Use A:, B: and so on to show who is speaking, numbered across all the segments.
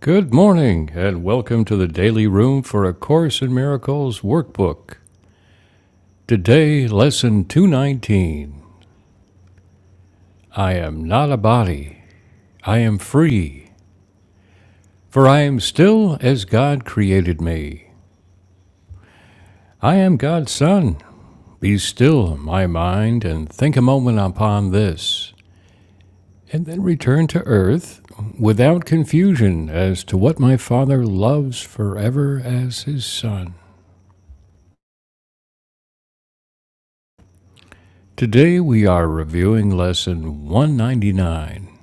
A: Good morning, and welcome to the Daily Room for A Course in Miracles workbook. Today, lesson 219 I am not a body, I am free, for I am still as God created me. I am God's Son. Be still, my mind, and think a moment upon this, and then return to earth without confusion as to what my Father loves forever as his Son. Today we are reviewing lesson 199.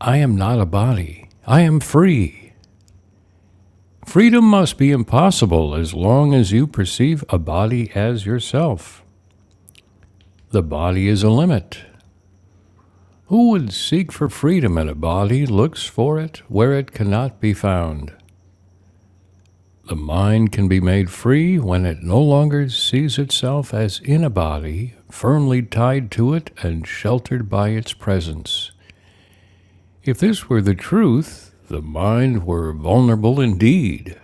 A: I am not a body. I am free. Freedom must be impossible as long as you perceive a body as yourself. The body is a limit. Who would seek for freedom in a body looks for it where it cannot be found. The mind can be made free when it no longer sees itself as in a body, firmly tied to it and sheltered by its presence. If this were the truth, the mind were vulnerable indeed.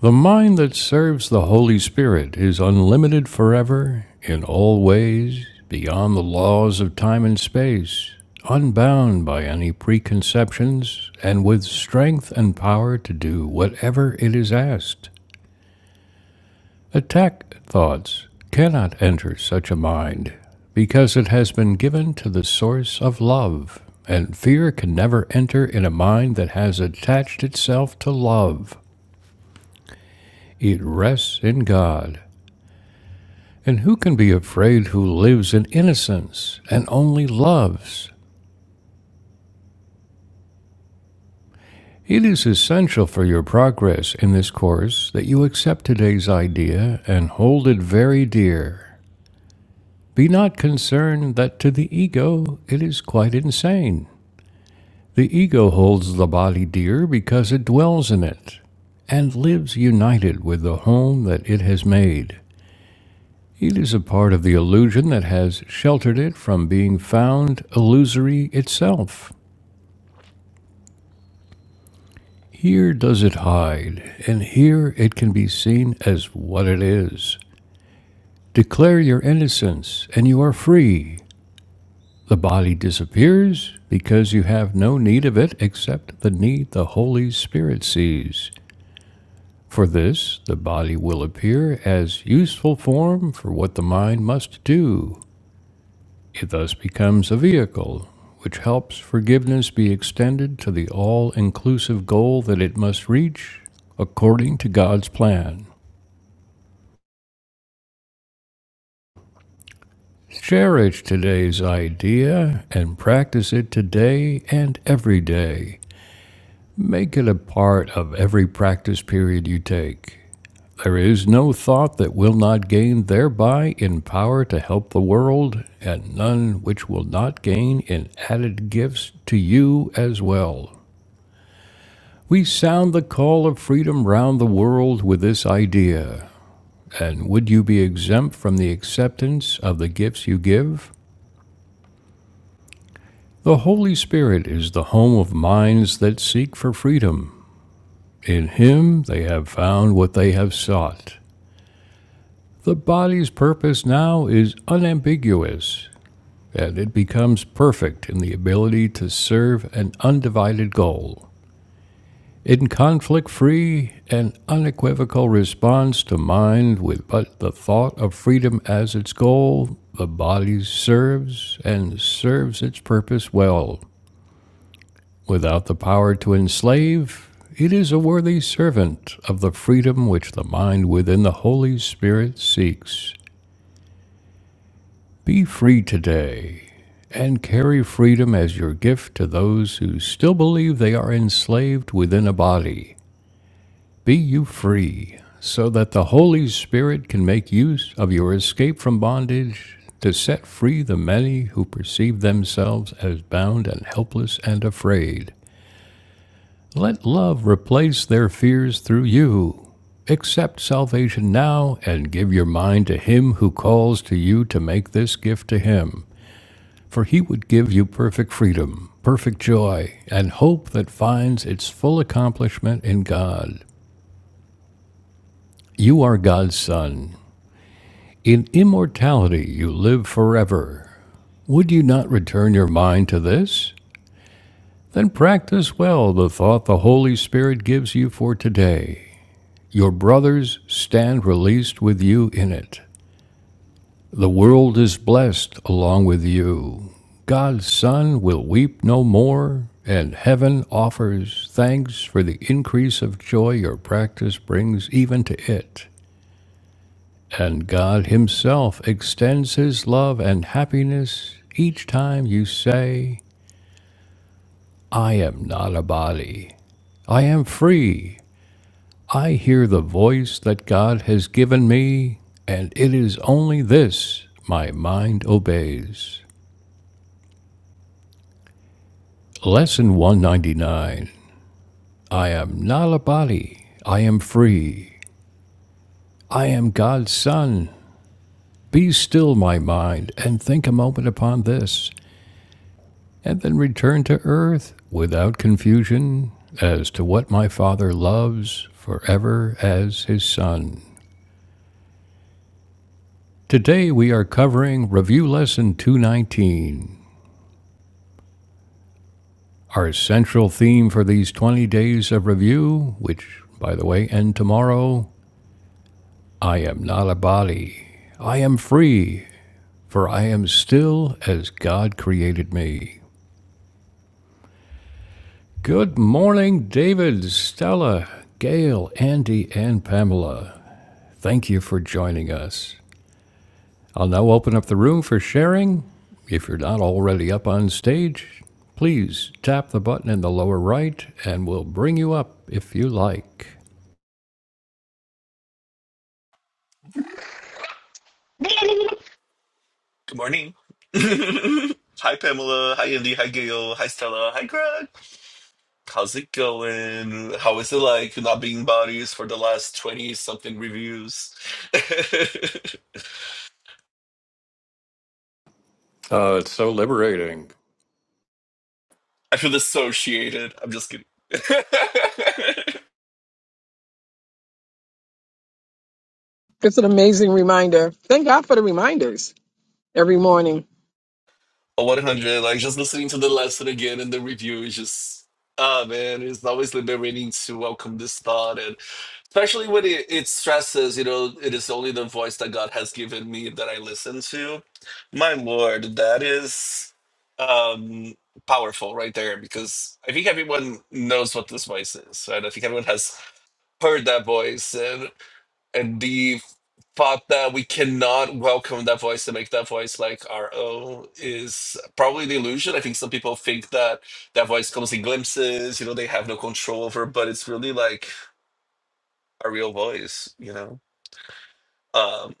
A: The mind that serves the Holy Spirit is unlimited forever, in all ways, beyond the laws of time and space, unbound by any preconceptions, and with strength and power to do whatever it is asked. Attack thoughts cannot enter such a mind because it has been given to the source of love, and fear can never enter in a mind that has attached itself to love. It rests in God. And who can be afraid who lives in innocence and only loves? It is essential for your progress in this course that you accept today's idea and hold it very dear. Be not concerned that to the ego it is quite insane. The ego holds the body dear because it dwells in it and lives united with the home that it has made. It is a part of the illusion that has sheltered it from being found illusory itself. Here does it hide, and here it can be seen as what it is. Declare your innocence, and you are free. The body disappears because you have no need of it except the need the Holy Spirit sees. For this, the body will appear as useful form for what the mind must do. It thus becomes a vehicle which helps forgiveness be extended to the all inclusive goal that it must reach according to God's plan. Cherish today's idea and practice it today and every day. Make it a part of every practice period you take. There is no thought that will not gain thereby in power to help the world, and none which will not gain in added gifts to you as well. We sound the call of freedom round the world with this idea. And would you be exempt from the acceptance of the gifts you give? The Holy Spirit is the home of minds that seek for freedom. In Him they have found what they have sought. The body's purpose now is unambiguous, and it becomes perfect in the ability to serve an undivided goal. In conflict free and unequivocal response to mind with but the thought of freedom as its goal, the body serves and serves its purpose well. Without the power to enslave, it is a worthy servant of the freedom which the mind within the Holy Spirit seeks. Be free today and carry freedom as your gift to those who still believe they are enslaved within a body. Be you free so that the Holy Spirit can make use of your escape from bondage to set free the many who perceive themselves as bound and helpless and afraid. Let love replace their fears through you. Accept salvation now and give your mind to Him who calls to you to make this gift to Him. For he would give you perfect freedom, perfect joy, and hope that finds its full accomplishment in God. You are God's Son. In immortality you live forever. Would you not return your mind to this? Then practice well the thought the Holy Spirit gives you for today. Your brothers stand released with you in it. The world is blessed along with you. God's Son will weep no more, and heaven offers thanks for the increase of joy your practice brings even to it. And God Himself extends His love and happiness each time you say, I am not a body. I am free. I hear the voice that God has given me, and it is only this my mind obeys. Lesson 199 I am not a body. I am free. I am God's Son. Be still, my mind, and think a moment upon this, and then return to earth without confusion as to what my Father loves forever as His Son. Today we are covering Review Lesson 219. Our central theme for these 20 days of review, which, by the way, end tomorrow, I am not a body. I am free, for I am still as God created me. Good morning, David, Stella, Gail, Andy, and Pamela. Thank you for joining us. I'll now open up the room for sharing. If you're not already up on stage, please tap the button in the lower right and we'll bring you up if you like.
B: Good morning. hi, Pamela. Hi, Andy. Hi, Gail. Hi, Stella. Hi, Greg. How's it going? How is it like not being bodies for the last 20 something reviews? I
A: Uh, it's so liberating.
B: feel dissociated. I'm just kidding.
C: It's an amazing reminder. Thank God for the reminders every morning.
B: A 100, like just listening to the lesson again and the review is just, ah, man, it's always liberating to welcome this thought especially when it, it stresses you know it is only the voice that god has given me that i listen to my lord that is um powerful right there because i think everyone knows what this voice is right i think everyone has heard that voice and and the thought that we cannot welcome that voice and make that voice like our own is probably the illusion i think some people think that that voice comes in glimpses you know they have no control over but it's really like a real voice you know Um,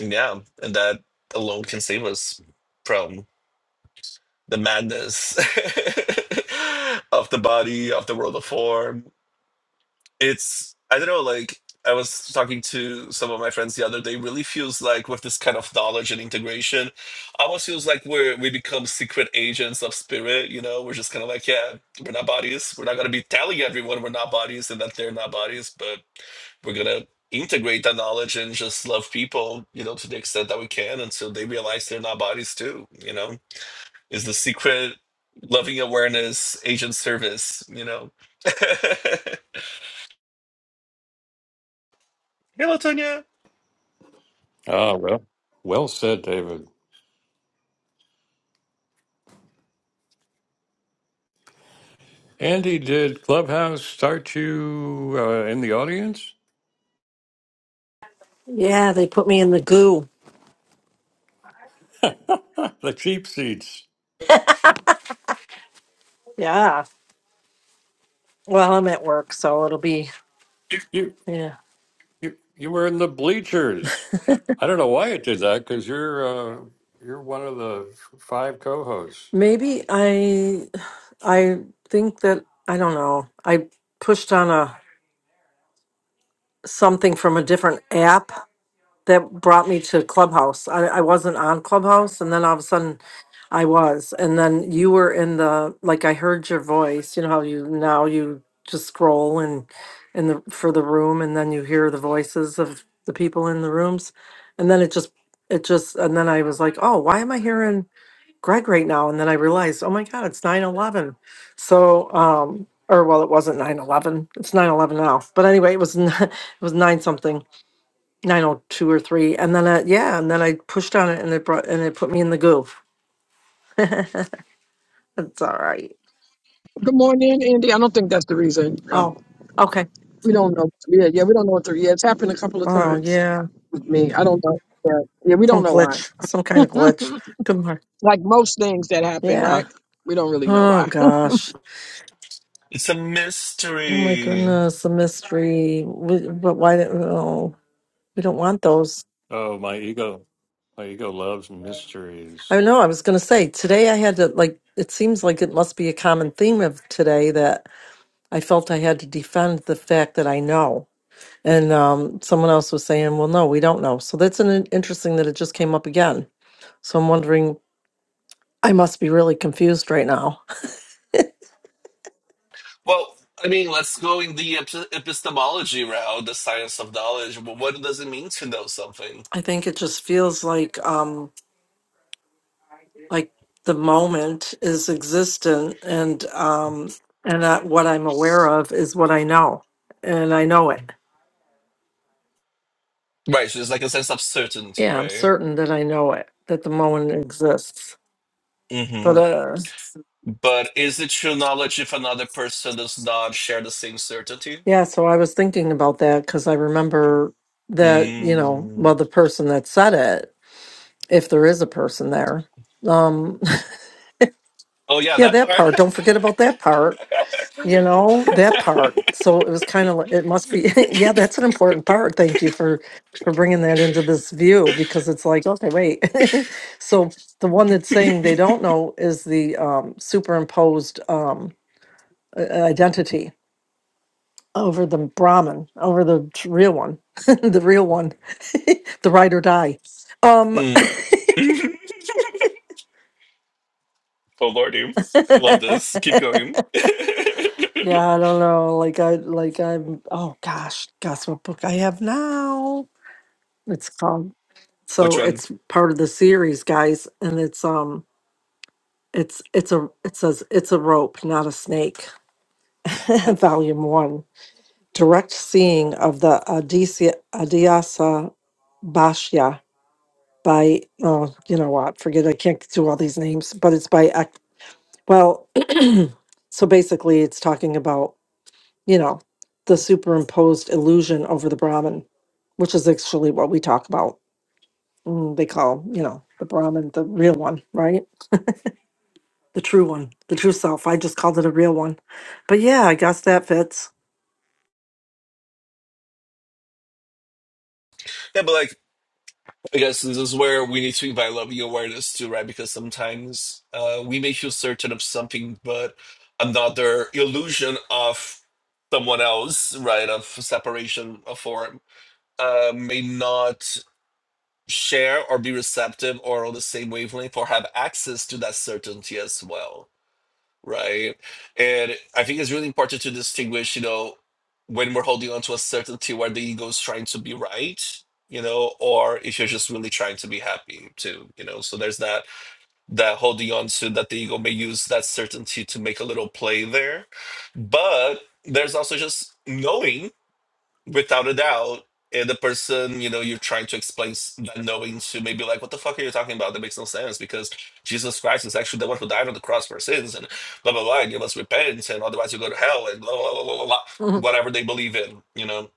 B: yeah, and that alone can save us from the madness of the body, of the world of form, it's I don't know, like I was talking to some of my friends the other day, really feels like with this kind of knowledge and integration, almost feels like we're we become secret agents of spirit, you know, we're just kinda like, yeah, we're not bodies. We're not gonna be telling everyone we're not bodies and that they're not bodies, but we're gonna integrate that knowledge and just love people, you know, to the extent that we can until they realize they're not bodies too, you know. Is the secret loving awareness agent service, you know. Hello, Tonya.
A: Ah, well, well said, David. Andy, did Clubhouse start you uh, in the audience?
D: Yeah, they put me in the goo.
A: the cheap seats.
D: Yeah. Well, I'm at work, so it'll be
A: You,
D: yeah.
A: you you were in the bleachers. I don't know why it did that because you're uh, you're one of the f- five co-hosts.
D: Maybe I I think that I don't know. I pushed on a something from a different app that brought me to Clubhouse. I, I wasn't on Clubhouse and then all of a sudden I was, and then you were in the like I heard your voice. You know how you now you just scroll and in the for the room, and then you hear the voices of the people in the rooms, and then it just it just and then I was like, oh, why am I hearing Greg right now? And then I realized, oh my God, it's nine eleven. So, um, or well, it wasn't nine eleven. It's nine eleven now. But anyway, it was it was nine something, nine oh two or three, and then uh, yeah, and then I pushed on it, and it brought and it put me in the goo. It's all right.
C: Good morning, Andy. I don't think that's the reason. Yeah.
D: Oh, okay.
C: We don't know. Yeah, yeah, we don't know what the yeah. It's happened a couple of
D: Oh,
C: times
D: yeah.
C: with me. I don't know. Yeah, yeah, we
D: Some
C: don't know why.
D: glitch, some kind of glitch. Good morning.
C: Like most things that happen,
D: Yeah.
C: right? We don't really know
D: Oh,
C: why.
D: gosh.
B: It's a
D: Oh, my
B: mystery.
D: goodness. A mystery. We, but why? don't- Oh, we don't want those.
A: Oh, my ego, my ego loves mysteries.
D: I know. I was going to say today I had to, like, it seems like it must be a common theme of today that I felt I had to defend the fact that I know. And um, someone else was saying, well, no, we don't know. So that's an interesting that it just came up again. So I'm wondering, I must be really confused right now
B: Well, I mean, let's go in the epi- epistemology route, the science of knowledge. But what does it mean to know something?
D: I think it just feels like um like the moment is existent and um and that what I'm aware of is what I know. And I know it.
B: Right, so there's like a sense of certainty,
D: Yeah, I'm
B: right?
D: certain that I know it, that the moment exists. But
B: hmm
D: uh
B: But is it true knowledge if another person does not share the same certainty?
D: yeah, so I was thinking about that cuz I remember that, you know, well
B: Mm.
D: the person that said it, if there is a person there. Um
B: Oh, yeah,
D: yeah,
B: that
D: that
B: part.
D: part, don't forget about that part you know that part so it was kind of like, it must be yeah that's an important part thank you for for bringing that into this view because it's like okay wait so the one that's saying they don't know is the um superimposed um i- identity over the brahman over the t- real one the real one the ride or die um
B: Mm. oh, Lordy. I love this. Keep going.
D: yeah i don't know like i like i'm oh gosh guess what book i have now it's called So
B: Which one?
D: it's part of the series, guys, and it's um it's it's a it says it's a rope, not a snake. Volume one. Direct seeing of the Aditya Adhyasa Bhashya by oh, you know what, forget I can't do all these names, but it's by Ek- well, so basically it's talking about, you know, the superimposed illusion over the Brahman, which is actually what we talk about. Mm, They call, you know, the Brahman the real one, right? the true one, the true self. I just called it a real one. But yeah, I guess that fits.
B: Yeah, but like I guess this is where we need to invite loving awareness too, right? Because sometimes uh, we may feel certain of something, but another illusion of someone else, right, of separation of form, uh, may not share or be receptive or on the same wavelength or have access to that certainty as well right? And I think it's really important to distinguish, you know, when we're holding on to a certainty where the ego is trying to be right, you know, or if you're just really trying to be happy too, you know. So there's that that holding on to that the ego may use that certainty to make a little play there. But there's also just knowing without a doubt. And the person, you know, you're trying to explain s- that knowing to maybe like, what the fuck are you talking about? That makes no sense because Jesus Christ is actually the one who died on the cross for sins and blah, blah, blah. And you must repent and otherwise you go to hell and blah, blah, blah, blah, blah, blah,
D: Mhm.
B: whatever they believe in, you know.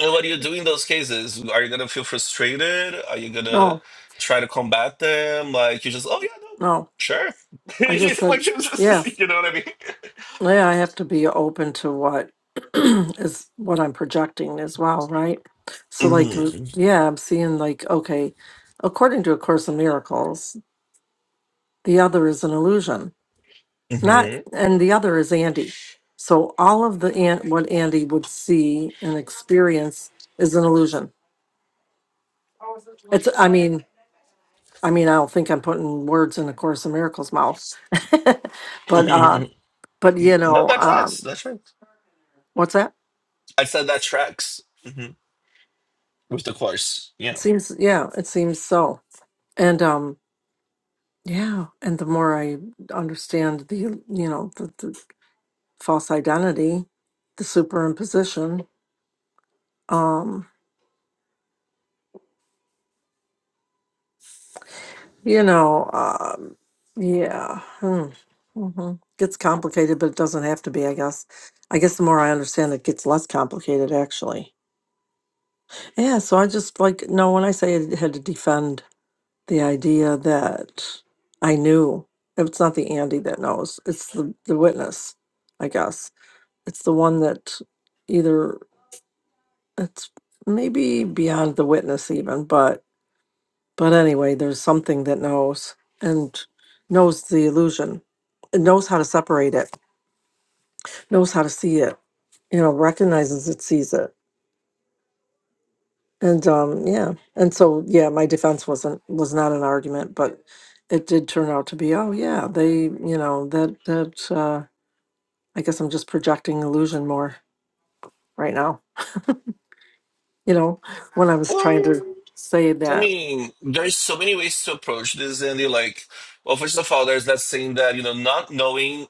B: And what do you do in those cases? Are you going to feel frustrated? Are you going to
D: No,
B: try to combat them? Like, you just, oh, yeah, no,
D: no.
B: sure.
D: I
B: You
D: just
B: know,
D: said,
B: like, you
D: yeah,
B: just, you know what I
D: yeah, I have to be open to what is what I'm projecting as well, right? So, like, Mhm.
B: mean?
D: yeah, I'm seeing, like, okay, according to A Course in Miracles, the other is an illusion,
B: hmm
D: not,
B: hmm
D: and the other is Andy. So, all of the an what Andy would see and experience is an illusion. It's, I mean, I mean, I don't think I'm putting words in A Course in Miracles' mouth, but uh,
B: hmm
D: but you
B: No,
D: know,
B: that
D: um,
B: tracks. That's right.
D: what's that?
B: I said that tracks hmm with the course.
D: It
B: Yeah.
D: seems, yeah, it seems so. And um, yeah, and the more I understand the you know the, the false identity, the superimposition, um, you know, um, yeah, hmm, hmm gets complicated, but it doesn't have to be. I guess. I guess the more I understand, it gets less complicated, actually. Yeah, so I just like no. When I say I had to defend the idea that I knew, it's not the Andy that knows; it's the the witness, I guess. It's the one that either it's maybe beyond the witness even, but but anyway, there's something that knows and knows the illusion, and knows how to separate it, knows how to see it. You know, recognizes it, sees it And um, yeah, and so yeah, my defense wasn't was not an argument, but it did turn out to be. Oh yeah, they you know that that uh, I guess I'm just projecting illusion more right now. You know, when I was trying to
B: Um,
D: say
B: I
D: that,
B: mean, there's so many ways to approach this, Andy. Like, well, first of all, there's that saying that you know, not knowing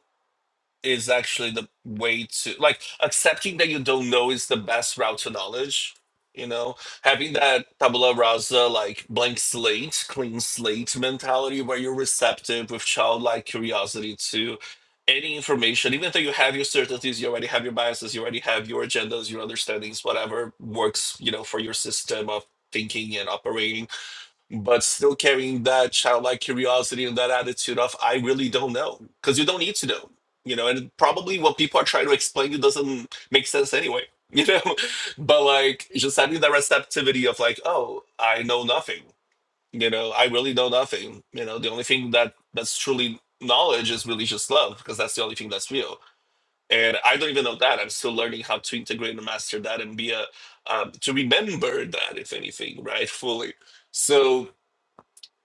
B: is actually the way to like accepting that you don't know is the best route to knowledge you know having that tabula rasa like blank slate clean slate mentality where you're receptive with childlike curiosity to any information even though you have your certainties you already have your biases you already have your agendas your understandings whatever works you know for your system of thinking and operating but still carrying that childlike curiosity and that attitude of I really don't know because you don't need to know, you know, and probably what people are trying to explain you doesn't make sense anyway, you know, but like just having that receptivity of like, oh, I know nothing, you know, I really know nothing, you know, the only thing that that's truly knowledge is really just love because that's the only thing that's real. And I don't even know that. I'm still learning how to integrate and master that and be a, um, to remember that, if anything, right? Fully. So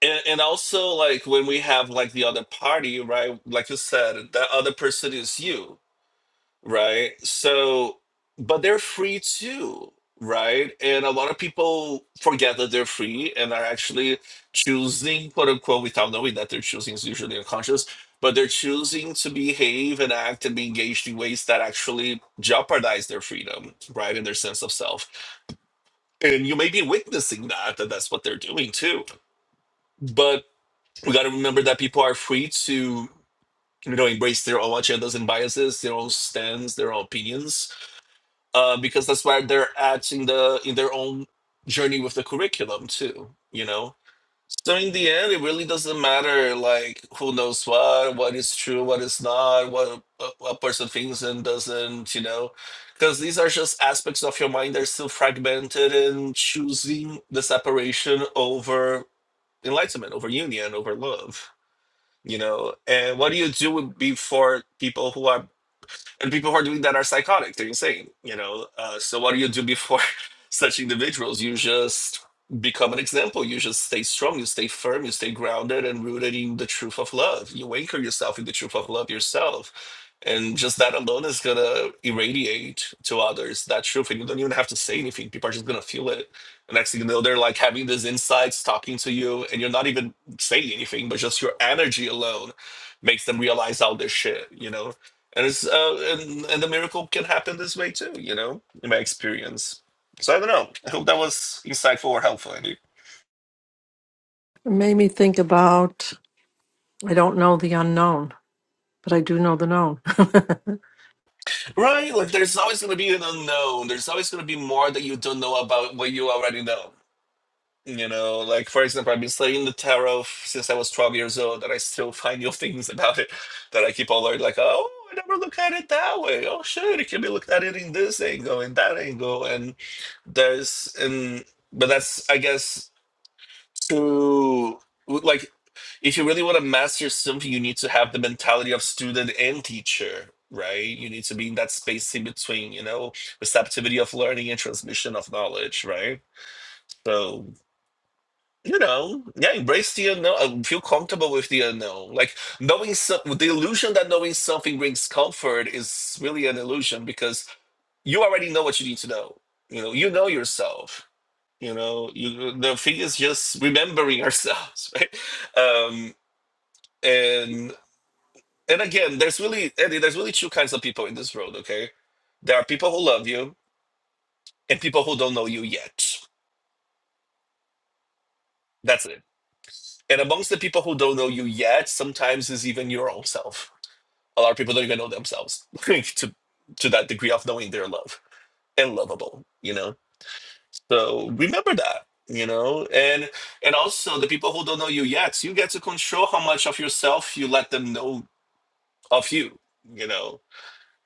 B: and, and also like when we have like the other party right like you said that other person is you right so but they're free too right and a lot of people forget that they're free and are actually choosing quote unquote without knowing that they're choosing is usually unconscious but they're choosing to behave and act and be engaged in ways that actually jeopardize their freedom right and their sense of self and you may be witnessing that that that's what they're doing too but we got to remember that people are free to you know embrace their own agendas and biases their own stands their own opinions uh, because that's where they're at in the in their own journey with the curriculum too you know so in the end it really doesn't matter like who knows what what is true what is not what a, a person thinks and doesn't you know because these are just aspects of your mind that are still fragmented and choosing the separation over enlightenment over union over love you know and what do you do before people who are and people who are doing that are psychotic they're insane you know uh, so what do you do before such individuals you just become an example you just stay strong you stay firm you stay grounded and rooted in the truth of love you anchor yourself in the truth of love yourself and just that alone is gonna irradiate to others that truth and you don't even have to say anything people are just gonna feel it and next thing you know they're like having these insights talking to you and you're not even saying anything but just your energy alone makes them realize all this shit you know and it's uh, and, and the miracle can happen this way too you know in my experience so i don't know i hope that was insightful or helpful andy
D: it made me think about I don't know the unknown, but I do know the known. the
B: right like there's always going to be an unknown there's always going to be more that you don't know about what you already know you know like for example i've been studying the tarot f- since i was 12 years old and i still find new things about it that i keep on learning like oh i never look at it that way oh shit it can be looked at it in this angle and that angle and there's and but that's i guess to like if you really want to master something you need to have the mentality of student and teacher right you need to be in that space in between you know receptivity of learning and transmission of knowledge right so you know yeah embrace the unknown uh, feel comfortable with the unknown like knowing some the illusion that knowing something brings comfort is really an illusion because you already know what you need to know you know you know yourself you know you the thing is just remembering ourselves right um and and again there's really Eddie there's really two kinds of people in this world okay there are people who love you and people who don't know you yet that's it and amongst the people who don't know you yet sometimes is even your own self a lot of people don't even know themselves to to that degree of knowing they're loved and lovable you know So remember that, you know, and and also the people who don't know you yet, you get to control how much of yourself you let them know of you, you know.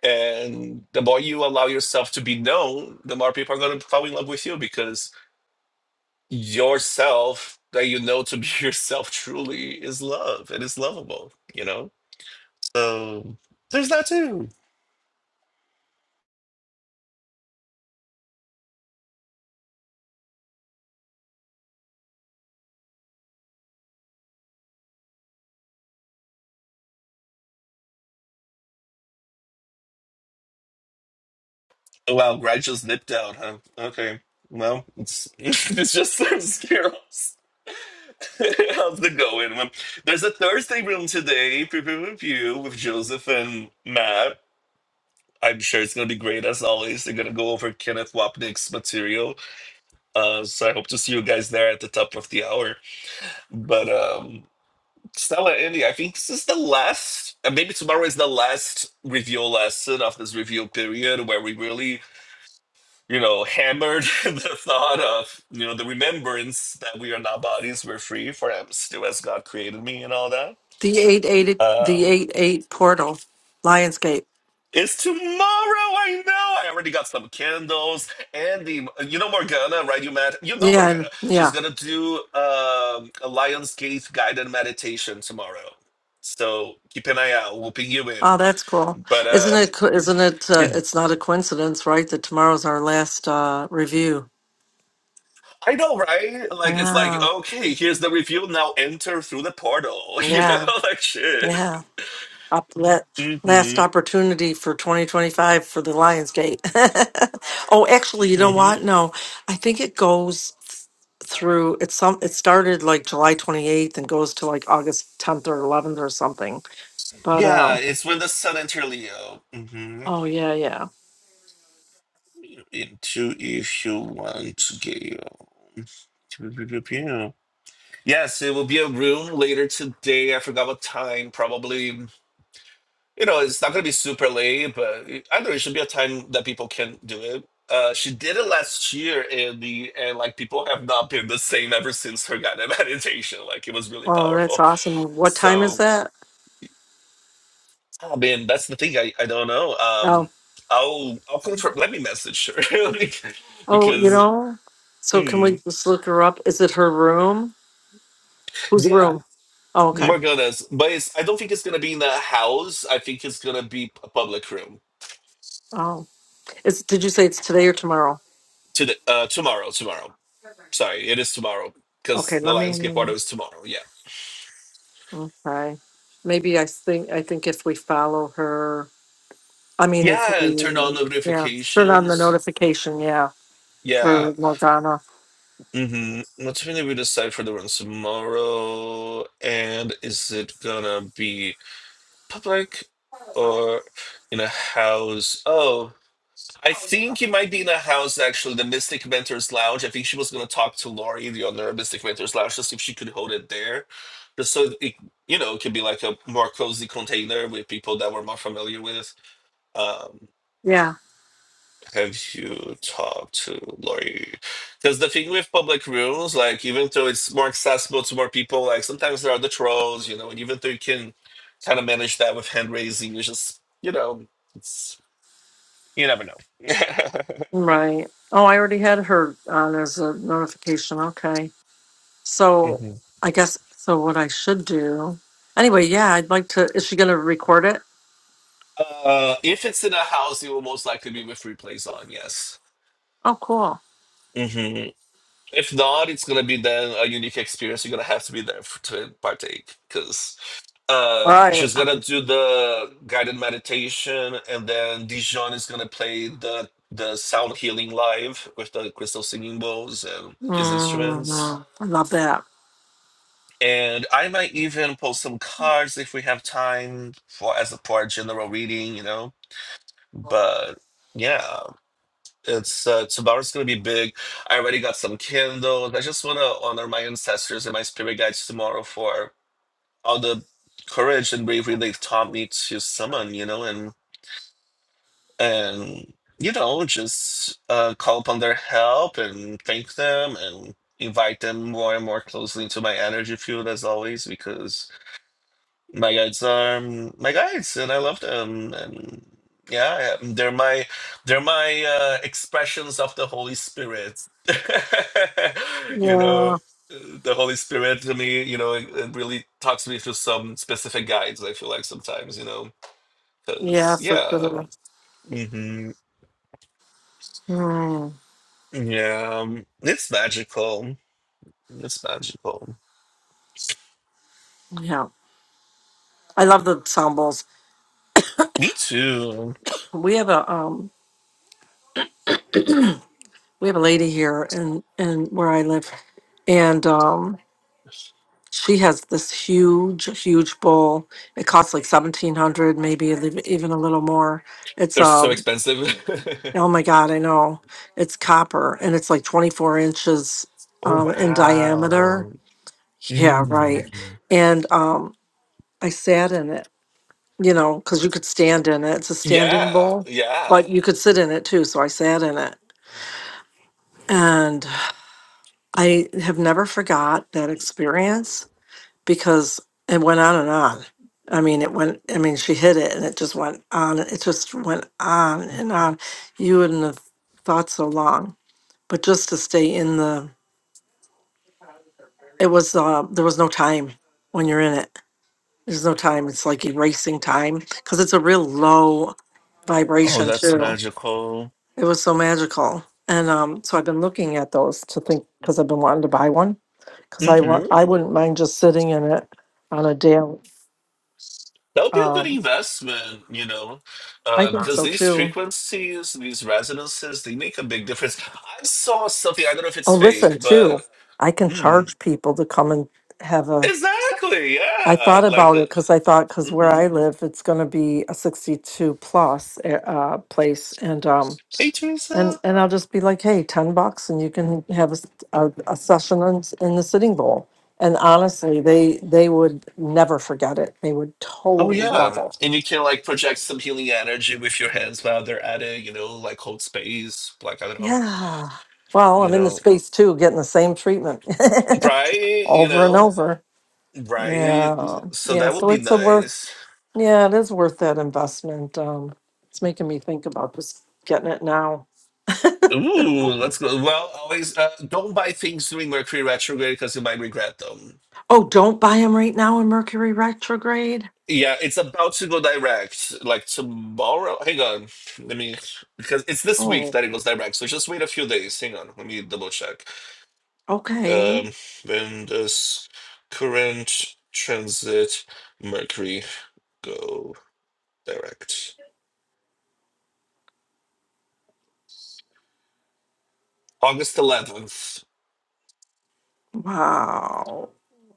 B: And the more you allow yourself to be known, the more people are gonna fall in love with you because yourself that you know to be yourself truly is love and is lovable, you know? So there's that too. Oh, Wow, Greg just nipped out, huh? Okay. Well, it's it's just some scares. How's it going? Um, There's a Thursday room today, preview review with Joseph and Matt. I'm sure it's gonna be great as always. They're gonna go over Kenneth Wapnick's material. Uh, so I hope to see you guys there at the top of the hour. But um Stella Andy, I think this is the last and maybe tomorrow is the last review lesson of this review period where we really you know, hammered the thought of, you know, the remembrance that we are not bodies, we're free, for I am still as God created me and all that
D: eight eight the
B: Um,
D: eight eight portal, Lionsgate.
B: it's tomorrow. I know. I already got some candles. Andy, you know Morgana, right? You met. You know
D: Yeah,
B: Morgana.
D: and- yeah.
B: She's gonna do um, a Lions Gate guided meditation tomorrow. So keep an eye out. We'll ping you
D: Oh,
B: in.
D: that's cool.
B: But
D: Isn't
B: um,
D: it? co- Isn't it? Uh,
B: it-
D: it's not a coincidence, right? That tomorrow's our last uh, review.
B: I know, right? Like it's like
D: Yeah,
B: okay, here's the review. Now enter through the portal. You know,
D: Yeah.
B: like shit.
D: Yeah. Up let, last
B: Mm-hmm.
D: opportunity for 2025 for the Lionsgate. oh, actually, you know
B: Mm-hmm.
D: what? No, I think it goes through. It's some. It started like July 28th and goes to like August 10th or 11th or something. But
B: Yeah,
D: um.
B: it's when the sun enter Leo. Mm-hmm.
D: Oh yeah, yeah.
B: into if you want to get you. yes it will be a room later today i forgot what time probably you know it's not going to be super late but it- i know it should be a time that people can do it uh she did it last year and the and like people have not been the same ever since her guided meditation like it was really
D: Oh, that's
B: powerful
D: awesome. What time is
B: so
D: that?
B: i mean that's the thing i i don't know
D: Oh,
B: um i'll i'll confirm let me message her
D: Oh, you
B: because
D: know? So can we
B: mm.
D: just look her up? Is it her room? Whose
B: Yeah,
D: room? Oh, okay.
B: My goodness, but it's, I don't think it's gonna be in the house. I think it's gonna be a public room
D: Oh, is did you say it's today or tomorrow?
B: today, uh, tomorrow, tomorrow. Sorry, it is tomorrow because
D: Okay,
B: the
D: let
B: Lionsgate
D: me.
B: party is tomorrow. Yeah,
D: Okay, maybe I think I think if we follow her, I mean if
B: yeah, and turn on
D: we yeah turn on the
B: notifications.
D: notification, yeah,
B: Yeah.
D: for Morgana.
B: Mm-hmm. What's gonna be the site for the room tomorrow? And is it gonna be public or in a house? Oh, I think it might be in a house actually, the Mystic Mentors Lounge. I think she was going to talk to Lori, the owner of Mystic Mentors Lounge, to see if she could hold it there, just so it, you know, it could be like a more cozy container with people that we're more familiar with. Um,
D: Yeah,
B: have you talked to Lori? Because the thing with public rooms, like even though it's more accessible to more people, like sometimes there are the trolls, you know, and even though you can kind of manage that with hand raising, you just you know, it's you never know.
D: right. Oh, I already had her on as a notification. Okay, so I guess so. What I should do anyway? Yeah, I'd like to. Is she going to record it?
B: Uh, if it's in a house, it will most likely be with replays on. Yes.
D: Oh, cool.
B: hmm If not, it's gonna be then a unique experience. You're gonna have to be there for, to partake because uh,
D: Right.
B: she's gonna do the guided meditation, and then Dijon is gonna play the the sound healing live with the crystal singing bowls and his instruments.
D: Mhm. I love that.
B: And I might even post some cards if we have time for as a for a general reading, you know. But yeah. It's uh, tomorrow's gonna be big. I already got some candles. I just wanna honor my ancestors and my spirit guides tomorrow for all the courage and bravery they've taught me to summon, you know, and and you know, just uh, call upon their help and thank them and invite them more and more closely into my energy field as always because my guides are mm, my guides, and I love them. And yeah, I- they're my they're my uh, expressions of the Holy Spirit. You
D: Yeah.
B: know, the Holy Spirit to me, you know, it, it really talks me through some specific guides. I feel like sometimes, you know,
D: Yeah,
B: because
D: for
B: yeah,
D: sure.
B: hmm
D: Mm,
B: yeah, um, it's magical. It's magical.
D: yeah. I love the sound bowls.
B: Me too.
D: We have a um we have a lady here in in where I live and um she has this huge huge bowl. It costs like 1700 maybe a lit- even a little more. It's
B: They're so
D: um
B: expensive.
D: oh my god, I know. It's copper and it's like 24 inches
B: Oh
D: um in diameter.
B: wow.
D: Yeah, right.
B: Mm.
D: And um I sat in it you know, because you could stand in it. It's a standing
B: Yeah,
D: bowl,
B: yeah.
D: but you could sit in it too. So I sat in it. And I have never forgot that experience because it went on and on. I mean, it went, I mean, she hit it and it just went on. It just went on and on. You wouldn't have thought so long, but just to stay in the, it was, uh, there was no time when you're in it. There's no time. It's like erasing time because it's a real low
B: Oh,
D: vibration
B: that's
D: too.
B: magical.
D: It was so magical. And um, so I've been looking at those to think because I've been wanting to buy one because I want
B: hmm
D: I wouldn't mind just sitting in it on a day.
B: That would be a good
D: Um,
B: investment, you know,
D: I
B: uh,
D: think
B: because
D: so
B: these
D: too.
B: frequencies, these resonances, they make a big difference. I saw something, I don't know if
D: Oh,
B: it's fake,
D: listen, too,
B: but
D: I can
B: mm,
D: charge people to come and have a.
B: exactly,
D: I
B: yeah.
D: thought
B: Like,
D: about
B: uh,
D: it because I thought because where
B: mhm.
D: I live, it's going to be a sixty-two plus uh, uh, place, and um,
B: Hey,
D: And,
B: Teresa.
D: and I'll just be like, hey, ten bucks and you can have a, s- a- a session in, s- in the Sitting Bowl. And honestly, they, they would never forget it. They would
B: Oh,
D: totally love
B: yeah.
D: it.
B: And you can like project some healing energy with your hands while they're at it, you know, like hold space, like, I don't know,
D: Yeah. Well,
B: you
D: I'm in the
B: know,
D: space too, getting the same treatment
B: right? You
D: over and
B: know,
D: over.
B: Right.
D: Yeah.
B: So
D: Yeah.
B: that would
D: So
B: be
D: it's a worth,
B: nice.
D: yeah, it is worth that investment. Um, it's making me think about just getting it now.
B: Ooh, let's go. Well, always uh, don't buy things during Mercury retrograde because you might regret them.
D: Oh, don't buy them right now in Mercury retrograde.
B: Yeah, it's about to go direct. Like tomorrow. Hang on. Let me because it's this week
D: Oh,
B: that it goes direct. So just wait a few days. Hang on. Let me double check.
D: okay.
B: Um, when does current transit Mercury go direct? August 11th.
D: Wow.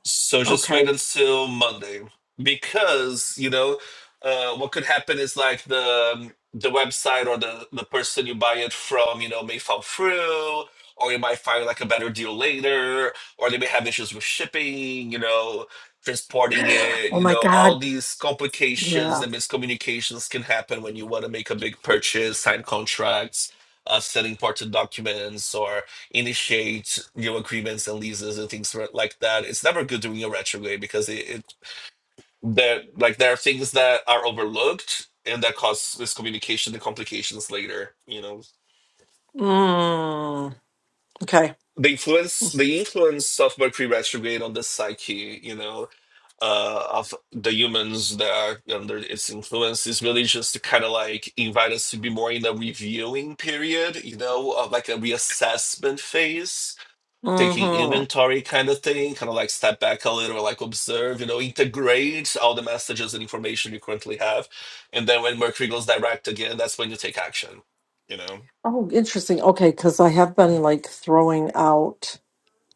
B: So just wait
D: Okay.
B: until Monday because you know uh, what could happen is like the um, the website or the the person you buy it from you know may fall through or you might find like a better deal later or they may have issues with shipping you know transporting it
D: Oh
B: you
D: my
B: know
D: God.
B: all these complications
D: Yeah.
B: and miscommunications can happen when you want to make a big purchase sign contracts uh, send important documents or initiate new agreements and leases and things ri- like that. It's never good doing a retrograde because it, it there like there are things that are overlooked and that cause miscommunication and complications later. You know,
D: Mm. Okay.
B: the influence the influence of Mercury retrograde on the psyche. You know. Uh, of the humans that are under its influence is really just to kind of like invite us to be more in a reviewing period, you know, of like a reassessment phase taking
D: Mm-hmm.
B: inventory kind of thing, kind of like step back a little, like observe, you know, integrate all the messages and information you currently have. And then when Mercury goes direct again, that's when you take action, you know?
D: Oh, interesting. Okay, because I have been like throwing out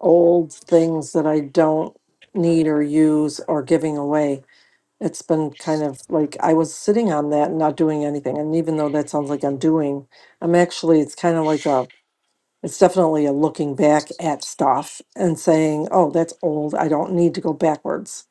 D: old things that I don't need or use or giving away. It's been kind of like I was sitting on that and not doing anything. And even though that sounds like I'm doing, I'm actually, it's kind of like a, it's definitely a looking back at stuff and saying, oh, that's old. I don't need to go backwards.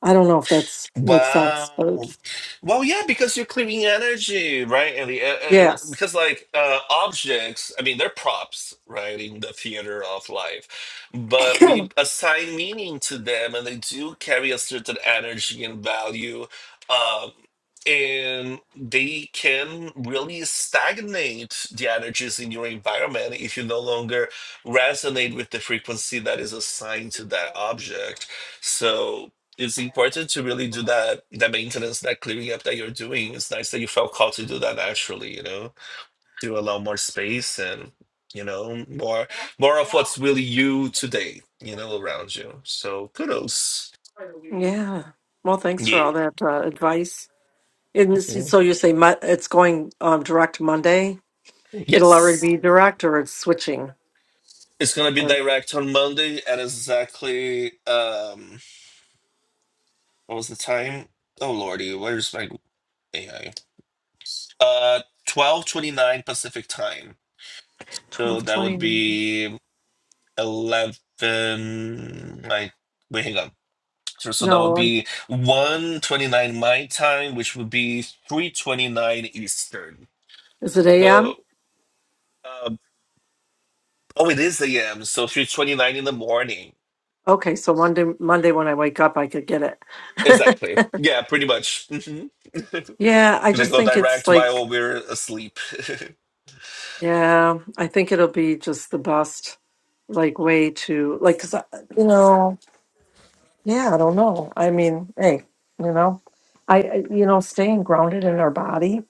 D: I don't know if that's makes sense, but
B: Wow. Well, yeah, because you're clearing energy, right? And, the, and
D: Yes.
B: because like uh, objects, I mean, they're props, right, in the theater of life, but we assign meaning to them, and they do carry a certain energy and value, um, and they can really stagnate the energies in your environment if you no longer resonate with the frequency that is assigned to that object. So it's important to really do that that maintenance, that clearing up that you're doing. It's nice that you felt called to do that naturally, you know, to allow more space and you know more more of what's really you today, you know, around you. So kudos.
D: Yeah. Well, thanks for
B: Yeah.
D: all that uh, advice. And s-
B: Mhm.
D: so you say Mo- it's going um, direct Monday. It'll already
B: Yes.
D: be direct, or it's switching,
B: It's gonna be
D: or
B: direct on Monday at exactly um what was the time? Oh lordy, where's my AI? Uh twelve twenty nine Pacific time. So
D: twelve
B: that
D: twenty
B: would
D: nine.
B: be 11 like wait hang on so, so that would
D: No, um,
B: be 129 my time which would be 329 eastern
D: is it a.m.?
B: so um, oh it is am so 329 in the morning
D: Okay, so Monday, Monday when I wake up, I could get it.
B: exactly yeah pretty much hmm
D: yeah, I
B: gonna
D: just
B: go
D: think it's
B: direct
D: like,
B: while we're asleep
D: yeah, I think it'll be just the best, like way to like, 'cause I, you know. Yeah, I don't know. I mean, hey, you know, I, I- you know, staying grounded in our body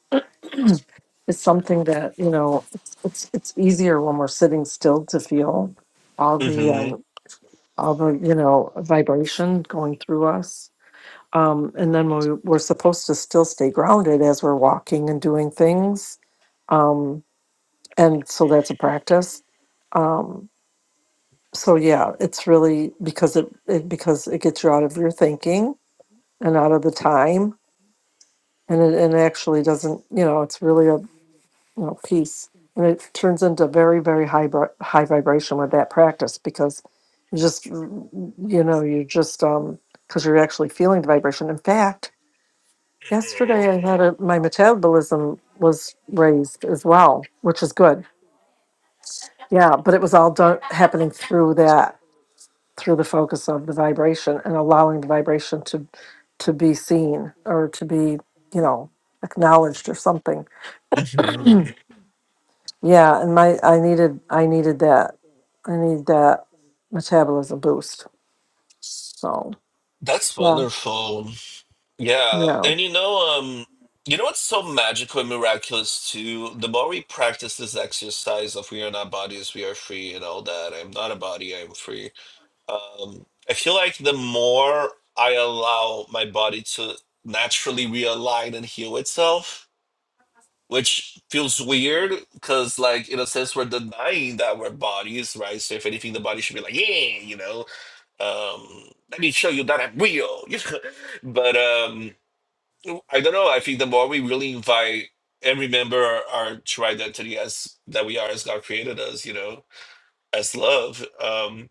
D: is something that, you know, it's it's, it's easier when we're sitting still to feel all the
B: hmm
D: um all the, you know, vibration going through us. Um and then we we're supposed to still stay grounded as we're walking and doing things. Um and so that's a practice. Um so yeah, it's really because it, it because it gets you out of your thinking and out of the time and it and it actually doesn't you know it's really a you know piece and it turns into very very high bri- high vibration with that practice because you just you know you just um because you're actually feeling the vibration in fact yesterday i had a my metabolism was raised as well which is good yeah but it was all done happening through that through the focus of the vibration and allowing the vibration to to be seen or to be you know acknowledged or something
B: hmm
D: Yeah, and my I needed I needed that. I need that metabolism boost. So
B: that's
D: yeah,
B: wonderful Yeah,
D: yeah.
B: and you know, um, you know what's so magical and miraculous too? The more we practice this exercise of we are not bodies, we are free, and all that. I'm not a body, I'm free. Um, I feel like the more I allow my body to naturally realign and heal itself, which feels weird because, like, in a sense, we're denying that we're bodies, right? So if anything, the body should be like, yeah, you know, um, let me show you that I'm real. but um I don't know. I think the more we really invite and remember our, our true identity as that we are as God created us, you know, as love, um,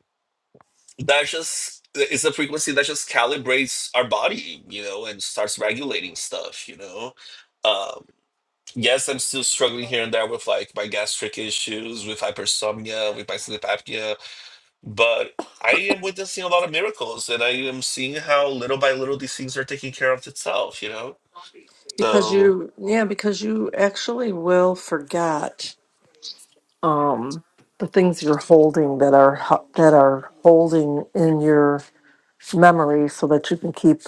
B: that just it's a frequency that just calibrates our body, you know, and starts regulating stuff, you know. Um, yes, I'm still struggling here and there with like my gastric issues, with hypersomnia, with my sleep apnea, but I am witnessing a lot of miracles and I am seeing how little by little these things are taking care of itself, you know.
D: Because
B: So
D: you, yeah, because you actually will forget. Um, the things you're holding that are ho- that are holding in your memory, so that you can keep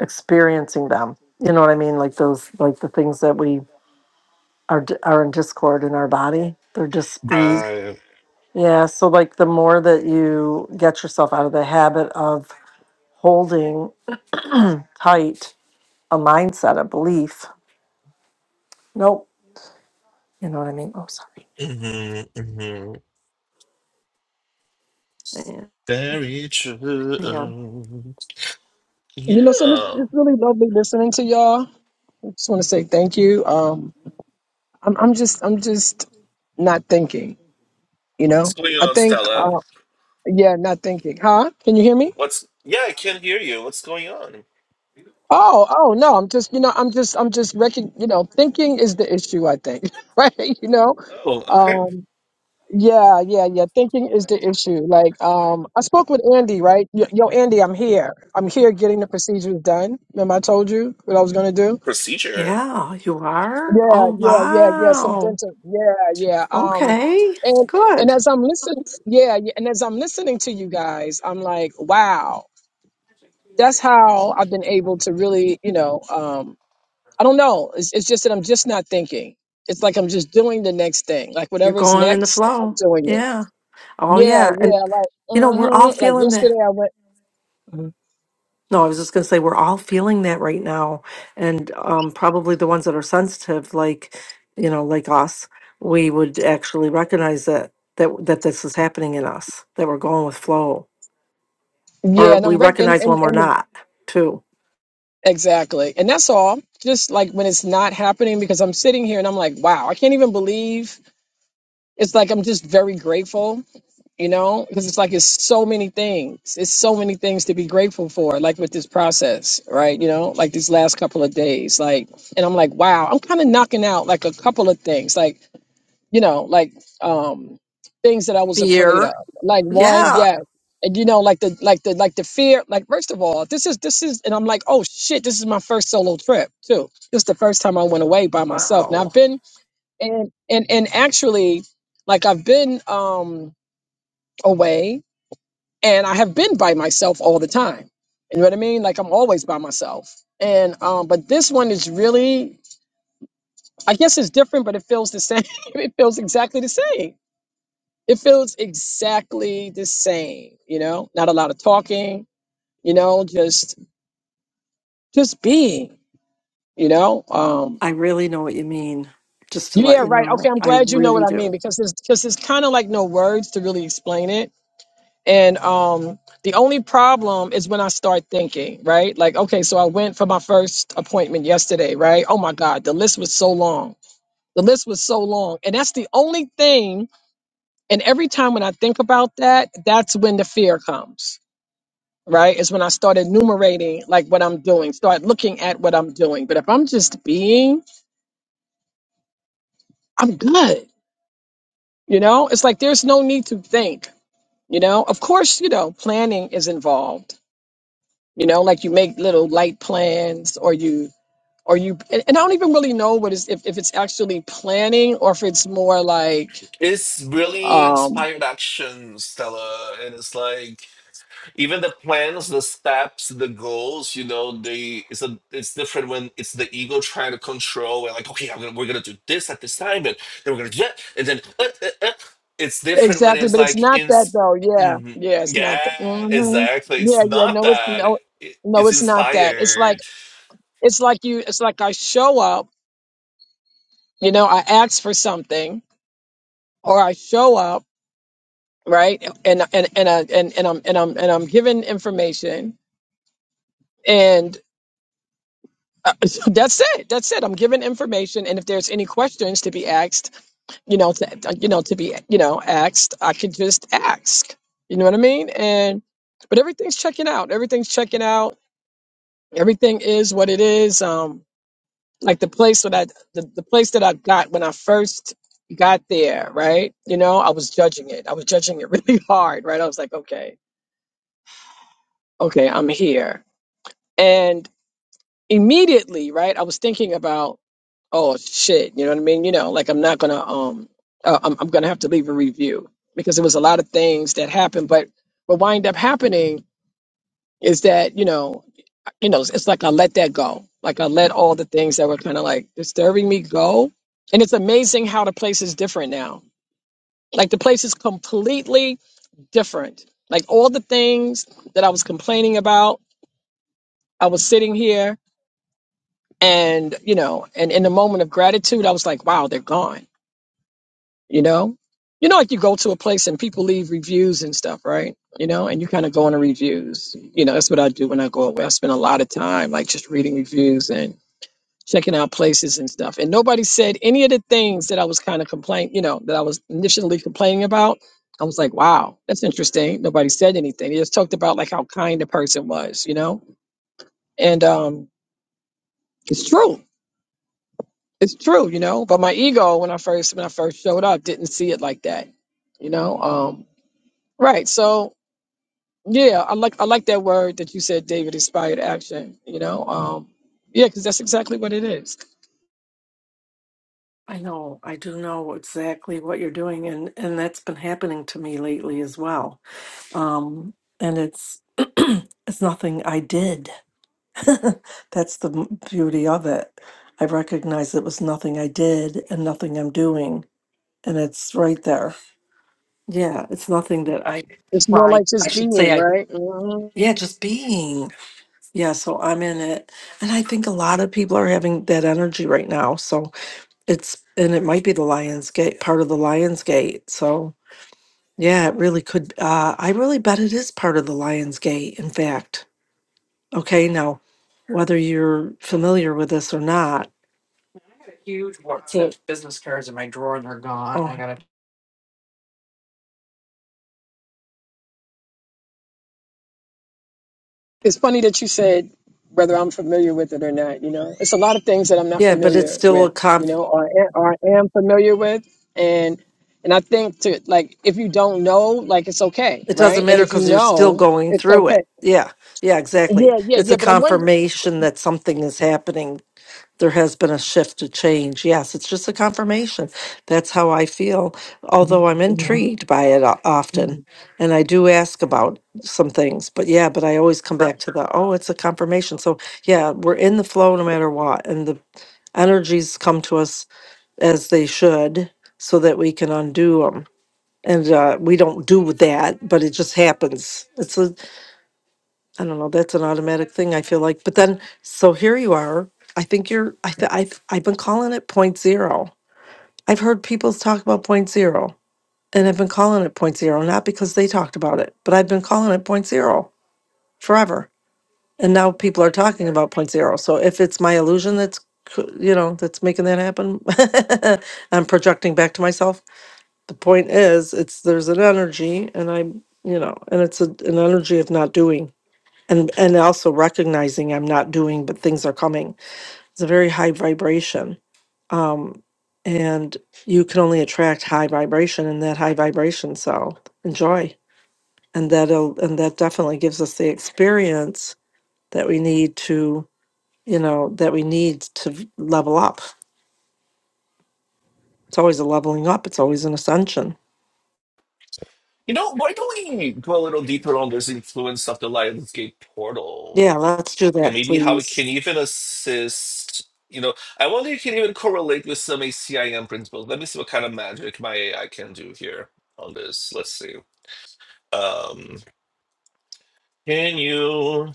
D: experiencing them. You know what I mean? Like those, like the things that we are d- are in discord in our body. They're just ease.
B: Right.
D: Yeah. So like the more that you get yourself out of the habit of holding tight a mindset, a belief. Nope. You know what I mean? Oh, sorry.
B: hmm hmm
D: Yeah,
B: Very
D: Hang on.
B: true.
C: You know, so it's,
B: Yeah.
C: it's really lovely listening to y'all. I just want to say thank you. Um, I'm, I'm just, I'm just not thinking. You
B: What's
C: know,
B: going
C: I
B: on,
C: think,
B: Stella?
C: uh, yeah, not thinking. Huh? Can you hear me?
B: What's yeah, I can hear you. What's going on?
C: Oh, oh no, I'm just, you know, I'm just, I'm just recon you know, thinking is the issue, I think, right? You know,
B: Oh, okay.
C: um, yeah, yeah, yeah. Thinking is the issue. Like, um, I spoke with Andy, right? Yo, yo, Andy, I'm here. I'm here getting the procedures done. Remember I told you what I was gonna do?
B: Procedure.
D: Yeah, you are?
C: Yeah,
D: Oh,
C: yeah, yeah, yeah. Some
D: wow.
C: dental. Yeah, yeah. Um,
D: Okay,
C: and and
D: good.
C: as I'm listening, yeah, yeah, and as I'm listening to you guys, I'm like, wow, that's how I've been able to really, you know, um. I don't know. It's, it's just that I'm just not thinking. It's like I'm just doing the next thing. Like
D: You're
C: whatever is
D: going in the
C: next, I'm
D: flow.
C: doing it.
D: Yeah. Oh,
C: Yeah,
D: yeah. And,
C: yeah. Like,
D: you know, we're all
C: hmm like
D: feeling that.
C: yesterday I went. Mhm.
D: No, I was just going to say, we're all feeling that right now. And um, probably the ones that are sensitive, like, you know, like us, we would actually recognize that. That, that this is happening in us that we're going with flow or
C: Yeah, and
D: we
C: I'm rec- and,
D: recognize
C: and
D: when we're
C: and the-
D: not too.
C: exactly, and that's all. Just like when it's not happening, because I'm sitting here and I'm like, wow, I can't even believe. It's like I'm just very grateful you know because it's like it's so many things it's so many things to be grateful for like with this process right you know like these last couple of days like and i'm like wow i'm kind of knocking out like a couple of things like you know like um things that i was afraid of
D: Fear.
C: like one
D: Yeah.
C: yeah and you know like the like the like the fear like first of all this is this is and i'm like oh shit this is my first solo trip too this is the first time i went away by myself now
D: Wow.
C: i've been and and and actually like i've been um away and I have been by myself all the time. You know what I mean? Like I'm always by myself. And um, but this one is really, I guess it's different, but it feels the same. it feels exactly the same. It feels exactly the same. You know, not a lot of talking. You know, just just being. You know. Um,
D: I really know what you mean. Just to let
C: yeah,
D: you
C: right. Okay,
D: know,
C: I'm
D: I
C: glad you know what
D: really
C: I mean
D: do.
C: because it's because it's kind of like no words to really explain it And um, the only problem is when I start thinking, right? Like, okay, so I went for my first appointment yesterday, right? Oh my God, the list was so long. The list was so long. And that's the only thing. And every time when I think about that, that's when the fear comes, right? Is when I start enumerating like what I'm doing, start looking at what I'm doing. But if I'm just being, I'm good. You know, it's like there's no need to think, you know? Of course, you know, planning is involved you know like you make little light plans or you or you and, and i don't even really know what is if, if it's actually planning or if it's more like
B: It's really
C: um
B: inspired action, Stella, and it's like even the plans the steps the goals you know they it's a it's different when it's the ego trying to control and like okay I'm gonna, we're gonna do this at this time and then we're gonna do that and then uh, uh, uh. it's different when
C: exactly
B: it's
C: but it's
B: like
C: not
B: in
C: that though yeah
B: mm
C: yeah it's
B: yeah
C: not that hmm
B: exactly it's
C: yeah yeah
B: not
C: no it's
B: that
C: no
B: It-
C: no
B: it's
C: it's not that it's like
B: inspired
C: it's like you it's like i show up you know i ask for something or i show up right and and and I, and, and i'm and i'm and i'm given information Uh, that's it. That's it. I'm giving information, and if there's any questions to be asked, you know, to, you know, to be, you know, asked, I could just ask. You know what I mean? And but everything's checking out. Everything's checking out. Everything is what it is. Um, like the place that I, the, the place that I got when I first got there, right? You know, I was judging it. I was judging it really hard, right? I was like, okay, okay, I'm here, and immediately, right? I was thinking about oh shit, you know what I mean? You know, like I'm not gonna um, uh, I'm I'm gonna have to leave a review because there was a lot of things that happened, but what wind up happening is that you know, you know, it's, it's like I let that go, like I let all the things that were kind of like disturbing me go, and it's amazing how the place is different now. Like the place is completely different. Like all the things that I was complaining about, I was sitting here and you know, and in the moment of gratitude, I was like, wow, they're gone you know you know like you go to a place and people leave reviews and stuff right you know and you kind of go into reviews you know that's what i do when i go away i spend a lot of time like just reading reviews and checking out places and stuff and nobody said any of the things that i was kind of complaining you know that i was initially complaining about i was like wow that's interesting nobody said anything they just talked about like how kind the person was you know and um it's true it's true you know but my ego when i first when i first showed up didn't see it like that you know um, Right. So yeah, I like I like that word that you said, David, inspired action, you know. Um yeah, because that's exactly what it is.
D: I know. I do know exactly what you're doing, and and that's been happening to me lately as well. Um, and it's it's nothing I did. that's the m- beauty of it. I recognize it was nothing I did and nothing I'm doing, and it's right there. Yeah, it's nothing that I
C: It's more
D: tried.
C: like
D: I I.
C: just
D: should say
C: being,
D: I
C: right? Mhm.
D: Yeah, just being. Yeah, so I'm in it. And I think a lot of people are having that energy right now. So it's, and it might be the Lions Gate, part of the Lions Gate. So yeah, it really could. Uh, I really bet it is part of the Lions Gate, in fact. Okay, now, whether you're familiar with this or not, I so, oh,
C: It's funny that you said whether I'm familiar with it or not. You know, it's a lot of things that I'm not
D: yeah, but it's
C: familiar
D: still a
C: with.
D: comp.
C: You know, or, a- or I am familiar with, and and I think to like if you don't know, like it's okay,
D: It
C: right?
D: doesn't
C: And
D: matter
C: if you
D: because you're still
C: know,
D: going
C: it's
D: through
C: okay.
D: it. Yeah, yeah, exactly.
C: Yeah, yeah,
D: It's
C: yeah.
D: a
C: But I'm wondering.
D: confirmation that something is happening. There has been a shift a change. Yes, it's just a confirmation. That's how I feel, although I'm intrigued by it o- often. And I do ask about some things, but yeah, but I always come back to the, oh, it's a confirmation. So yeah, we're in the flow no matter what. And the energies come to us as they should so that we can undo them and uh, we don't do that but it just happens it's a i don't know that's an automatic thing i feel like but then so here you are i think you're i th- I've, I've been calling it point zero i've heard people talk about point zero and i've been calling it point zero not because they talked about it but i've been calling it point zero forever and now people are talking about point zero so if it's my illusion that's c- you know that's making that happen i'm projecting back to myself the point is it's there's an energy and i'm you know and it's a, an energy of not doing and and also recognizing i'm not doing but things are coming it's a very high vibration um and you can only attract high vibration in that high vibration so enjoy and that'll and that definitely gives us the experience that we need to you know that we need to v- level up it's always a leveling up it's always an ascension
B: you know why don't we go a little deeper on this influence of the lionsgate portal
D: yeah let's do
B: and
D: that
B: maybe how it can
D: please
B: even assist. You know, I wonder if it can even correlate with some ACIM principles. Let me see what kind of magic my AI can do here on this. Let's see. Um, can you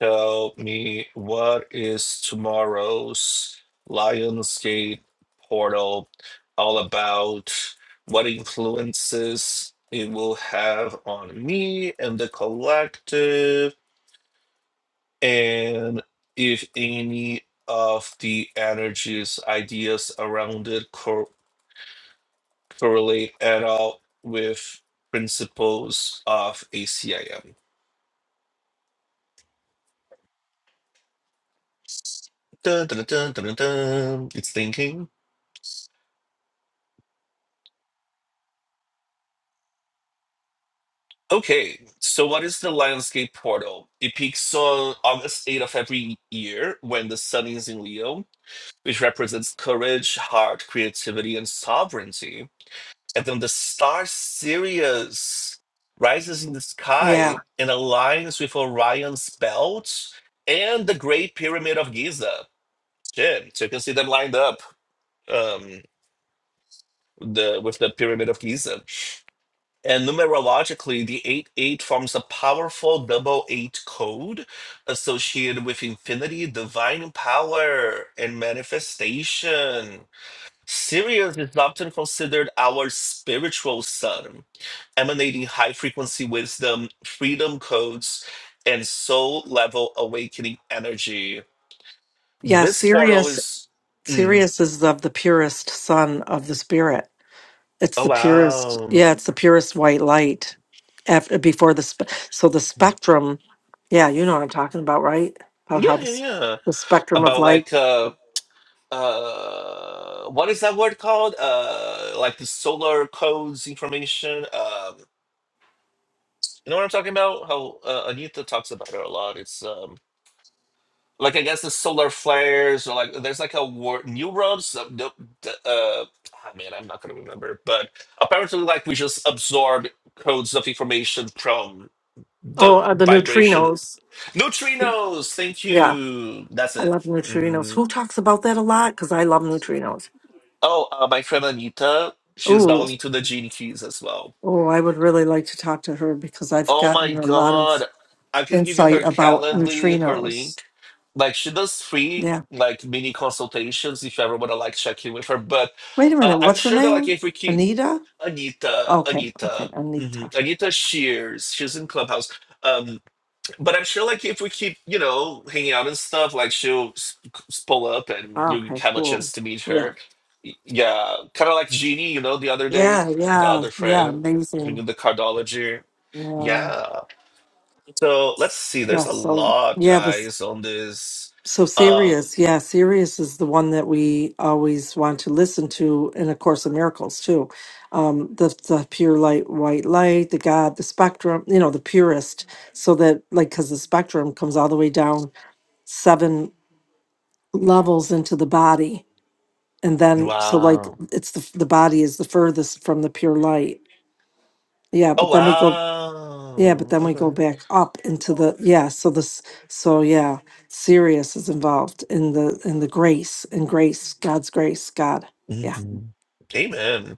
B: tell me what is tomorrow's Lionsgate portal all about? What influences it will have on me and the collective? And if any of the energies, ideas around it cor- correlate at all with principles of ACIM. Dun, dun, dun, dun, dun, dun. It's thinking. Okay, so what is the Lionsgate portal? It peaks on August 8th of every year when the sun is in Leo, which represents courage, heart, creativity, and sovereignty. And then the star Sirius rises in the
D: Yeah.
B: sky and aligns with Orion's belt and the Great Pyramid of Giza. Shit. So you can see them lined up um, the with the Pyramid of Giza. And numerologically, the 8 8 forms a powerful double eight code associated with infinity, divine power, and manifestation. Sirius is often considered our spiritual sun, emanating high frequency wisdom, freedom codes, and soul level awakening energy.
D: Yeah,
B: This portal
D: Sirius
B: is, mm,
D: Sirius is of the purest sun of the spirit. It's
B: oh
D: the purest.
B: wow,
D: Yeah, it's the purest white light after before the spe- so the spectrum. Yeah, you know what I'm talking about, right? About how
B: yeah,
D: the
B: yeah,
D: s-
B: yeah.
D: the spectrum of
B: About
D: light.
B: like, uh, uh, what is that word called? Uh, like the solar codes information. Um, you know what I'm talking about? How uh, Anita talks about it a lot. It's um. like I guess the solar flares or like there's like a war new roads. Uh, the- the, uh, ah, man, I'm not gonna remember, but apparently, like we just absorb codes of information from the
D: Oh, uh, the
B: vibration
D: neutrinos.
B: neutrinos. Thank
D: Yeah,
B: you. That's
D: I
B: it.
D: love neutrinos.
B: hmm
D: Who talks about that a lot? Because I love neutrinos.
B: Oh, uh, my friend Anita, she's now
D: Ooh,
B: into the gene keys as well.
D: oh, I would really like to talk to her because I've
B: Oh my
D: gotten a lot of
B: god, I can give you
D: insight
B: her
D: about
B: Calendly, her
D: neutrinos.
B: link like she does free
D: Yeah.
B: like mini consultations if you ever want to like check in with her but
D: Wait a
B: uh,
D: minute.
B: i'm
D: What's her
B: sure that like
D: name?
B: if we keep
D: Anita?
B: anita
D: Okay, okay,
B: anita
D: Anita.
B: mhm, anita shears she's in clubhouse um but i'm sure like if we keep you know hanging out and stuff like she'll s- s- pull up and
D: Ah,
B: you
D: Okay,
B: have a
D: cool.
B: chance to meet
D: Yeah,
B: her Y- yeah kind of like jeannie you know the other day
D: yeah,
B: the
D: yeah,
B: other
D: yeah.
B: friend who knew
D: Amazing.
B: the cardology
D: Yeah,
B: yeah so let's see
D: yeah.
B: there's a
D: So
B: lot
D: yeah, but s-
B: guys on this
D: so
B: um,
D: Sirius. Yeah, Sirius is the one that we always want to listen to in A Course in Miracles too. Um, the the pure light, white light, the God, the spectrum. You know, the purest. So that like, because the spectrum comes all the way down seven levels into the body, and then so like
B: Wow.
D: it's the the body is the furthest from the pure light Yeah,
B: Oh,
D: but then we go, yeah, but
B: wow.
D: then we go
B: Okay.
D: back up into the, yeah, so this, so yeah, Sirius is involved in the, in the grace and grace, God's grace, God. Yeah.
B: hmm Amen.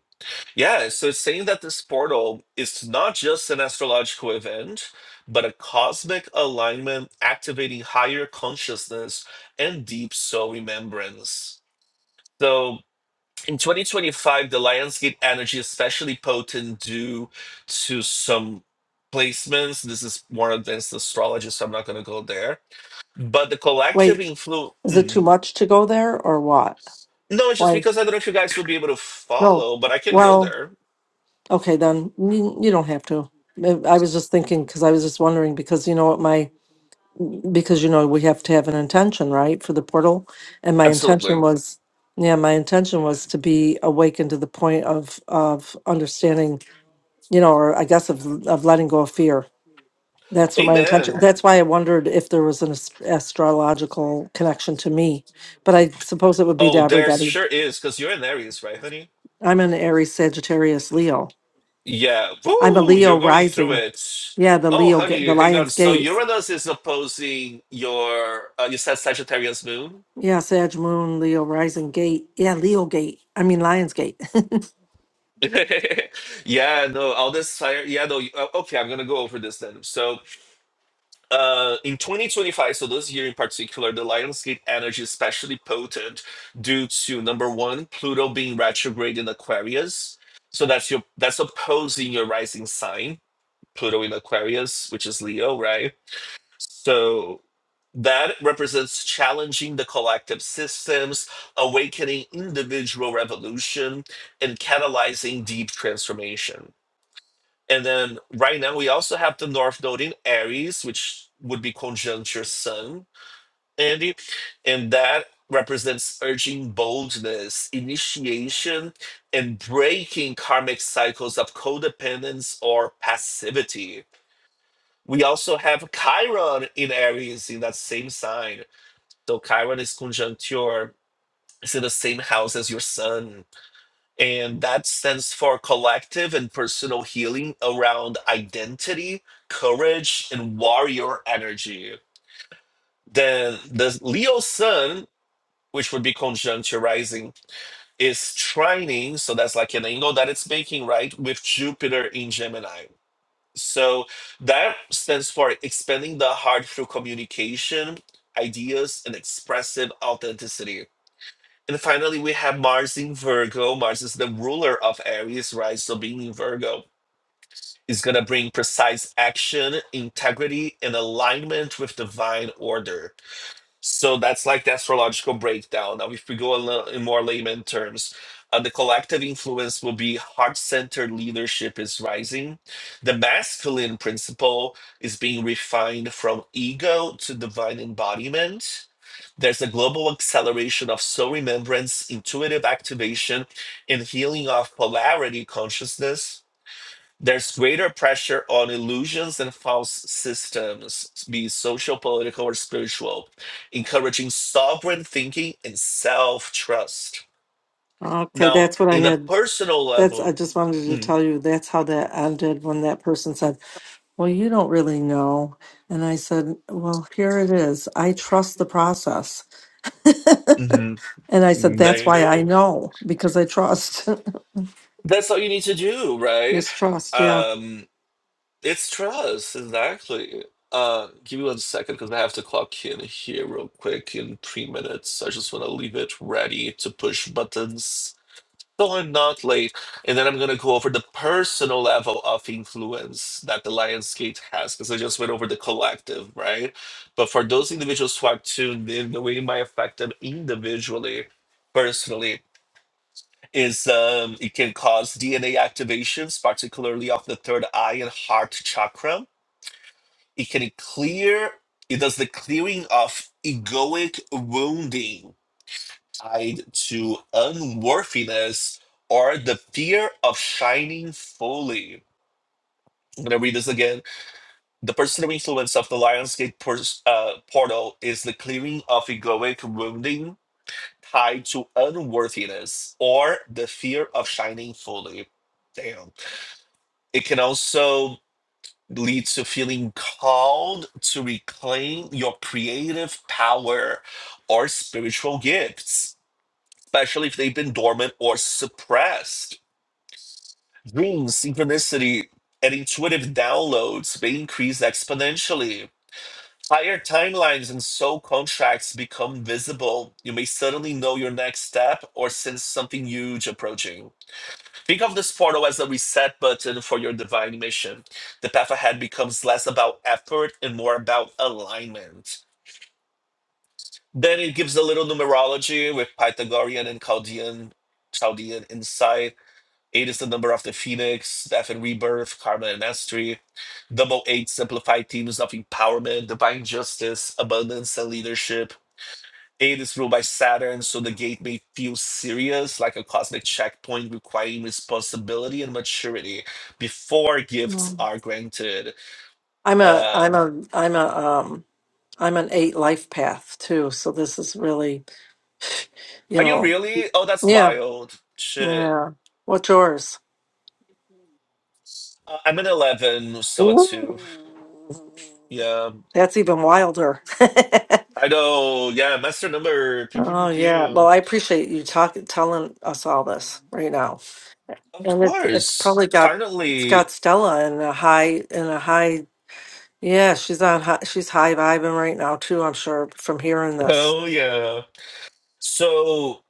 B: Yeah, so it's saying that this portal is not just an astrological event, but a cosmic alignment activating higher consciousness and deep soul remembrance. So in 2025, the Lionsgate energy is especially potent due to some placements. This is more advanced astrology, so I'm not going to go there. But the collective
D: Wait, is it
B: influence.
D: too much to go there or what?
B: No, it's just
D: Why?
B: because I don't know if you guys will be able to
D: No.
B: follow, but I can go
D: Well,
B: there.
D: okay, then you, you don't have to. Uh, I was just thinking, because I was just wondering, because you know what my, because you know, we have to have an intention, right, for the portal. And my intention
B: Absolutely.
D: was, yeah, my intention was to be awakened to the point of, of understanding you know, or I guess of of letting go of fear. That's what my intention.
B: Amen.
D: That's why I wondered if there was an ast- astrological connection to me, but I suppose it would be to
B: Oh, there
D: everybody.
B: sure is, because you're an Aries, right, honey?
D: I'm an Aries, Sagittarius, Leo.
B: Yeah.
D: I'm a
B: Woo! You're
D: Leo
B: going through
D: rising.
B: it.
D: Yeah, the
B: Oh,
D: Leo get
B: honey,
D: the
B: hang on.
D: Lion's
B: So
D: Gate.
B: Uranus is opposing your, uh, you said Sagittarius moon?
D: Yeah, Sag Moon, Leo rising gate. Yeah, Leo Gate. I mean Lion's Gate.
B: yeah, no, all this fire. Yeah, no. you- uh, Okay, I'm going to go over this then. So uh, in 2025, so this year in particular, the Lionsgate energy is especially potent due to number one, Pluto being retrograde in Aquarius. So that's your that's opposing your rising sign, Pluto in Aquarius, which is Leo, right? So that represents challenging the collective systems, awakening individual revolution, and catalyzing deep transformation and then right now we also have the North Node in Aries, which would be conjunct your Sun, Andy, and that represents urging boldness, initiation, and breaking karmic cycles of codependence or passivity. We also have Chiron in Aries in that same sign. So Chiron is conjunct your, it's in the same house as your Sun and that stands for collective and personal healing around identity, courage, and warrior energy. Then the Leo sun, which would be conjunct your rising, is trining. So that's like an angle that it's making, right? With Jupiter in Gemini. So that stands for expanding the heart through communication, ideas, and expressive authenticity and finally, we have Mars in Virgo. Mars is the ruler of Aries, right? So being in Virgo is going to bring precise action, integrity, and alignment with divine order. So that's like the astrological breakdown. Now, if we go a little in more layman terms, uh, the collective influence will be heart-centered leadership is rising. The masculine principle is being refined from ego to divine embodiment. There's a global acceleration of soul remembrance, intuitive activation, and healing of polarity consciousness there's greater pressure on illusions and false systems, be it social, political, or spiritual, encouraging sovereign thinking and self trust.
D: okay,
B: Now,
D: that's what I
B: in a
D: had.
B: personal
D: That's I
B: level,
D: just wanted to
B: mm,
D: tell you that's how that ended when that person said. well, you don't really know. And I said, well, here it is. I trust the process.
B: mhm,
D: and I said,
B: mm,
D: that's
B: there you
D: why I
B: go.
D: know because I trust
B: That's all you need to do, right?
D: this trust. Yeah.
B: Um, it's trust, exactly. Uh, give me one second because I have to clock in here real quick in three minutes. I just want to leave it ready to push buttons. so I'm not late. And then I'm going to go over the personal level of influence that the Lionsgate has, because I just went over the collective, right? But for those individuals who are tuned in, the way it might affect them individually, personally, is um, it can cause DNA activations, particularly of the third eye and heart chakra. It can clear, it does the clearing of egoic wounding tied to unworthiness or the fear of shining fully. I'm going to read this again. The personal influence of the Lionsgate pers- uh, portal is the clearing of egoic wounding tied to unworthiness or the fear of shining fully. Damn. It can also lead to feeling called to reclaim your creative power or spiritual gifts, especially if they've been dormant or suppressed Dreams, synchronicity and intuitive downloads may increase exponentially. Higher timelines and soul contracts become visible. You may suddenly know your next step or sense something huge approaching. Think of this portal as a reset button for your divine mission. The path ahead becomes less about effort and more about alignment. Then it gives a little numerology with Pythagorean and Chaldean, Chaldean insight Eight is the number of the Phoenix, Death and Rebirth, Karma and Mastery. Double eight simplified themes of empowerment, divine justice, abundance, and leadership. Eight is ruled by Saturn, so the gate may feel serious, like a cosmic checkpoint requiring responsibility and maturity before gifts
D: Mm.
B: are granted.
D: I'm a, I'm
B: Um,
D: a, I'm a, um, I'm an eight life path too. So this is really, you
B: are you
D: know,
B: really? Oh, that's
D: yeah.
B: wild. Shit.
D: Yeah. What's yours?
B: Uh, I'm an 11, so a
D: Ooh.
B: 2. Yeah,
D: That's even wilder.
B: I know. Yeah, master number. Pew, pew,
D: Oh
B: pew,
D: yeah.
B: pew.
D: Well, I appreciate you talking telling us all this right now.
B: Of
D: And it's it's
B: course.
D: probably got it's got
B: Finally.
D: Stella in a high in a high yeah she's on high, she's high vibing right now too I'm sure from hearing this
B: Oh yeah. So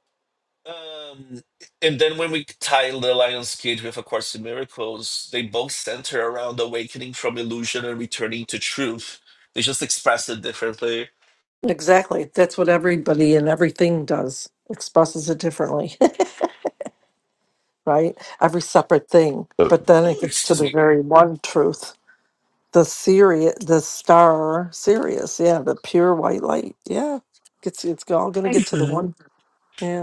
B: um and then when we tie the Lion's Cage with A Course in Miracles, they both center around awakening from illusion and returning to truth. They just express it differently.
D: exactly that's what everybody and everything does expresses it differently right every separate thing
B: So
D: but then it gets to
B: excuse
D: the
B: me.
D: very one truth the Sirius the star Sirius yeah the pure white light yeah it's it's all gonna get to the one yeah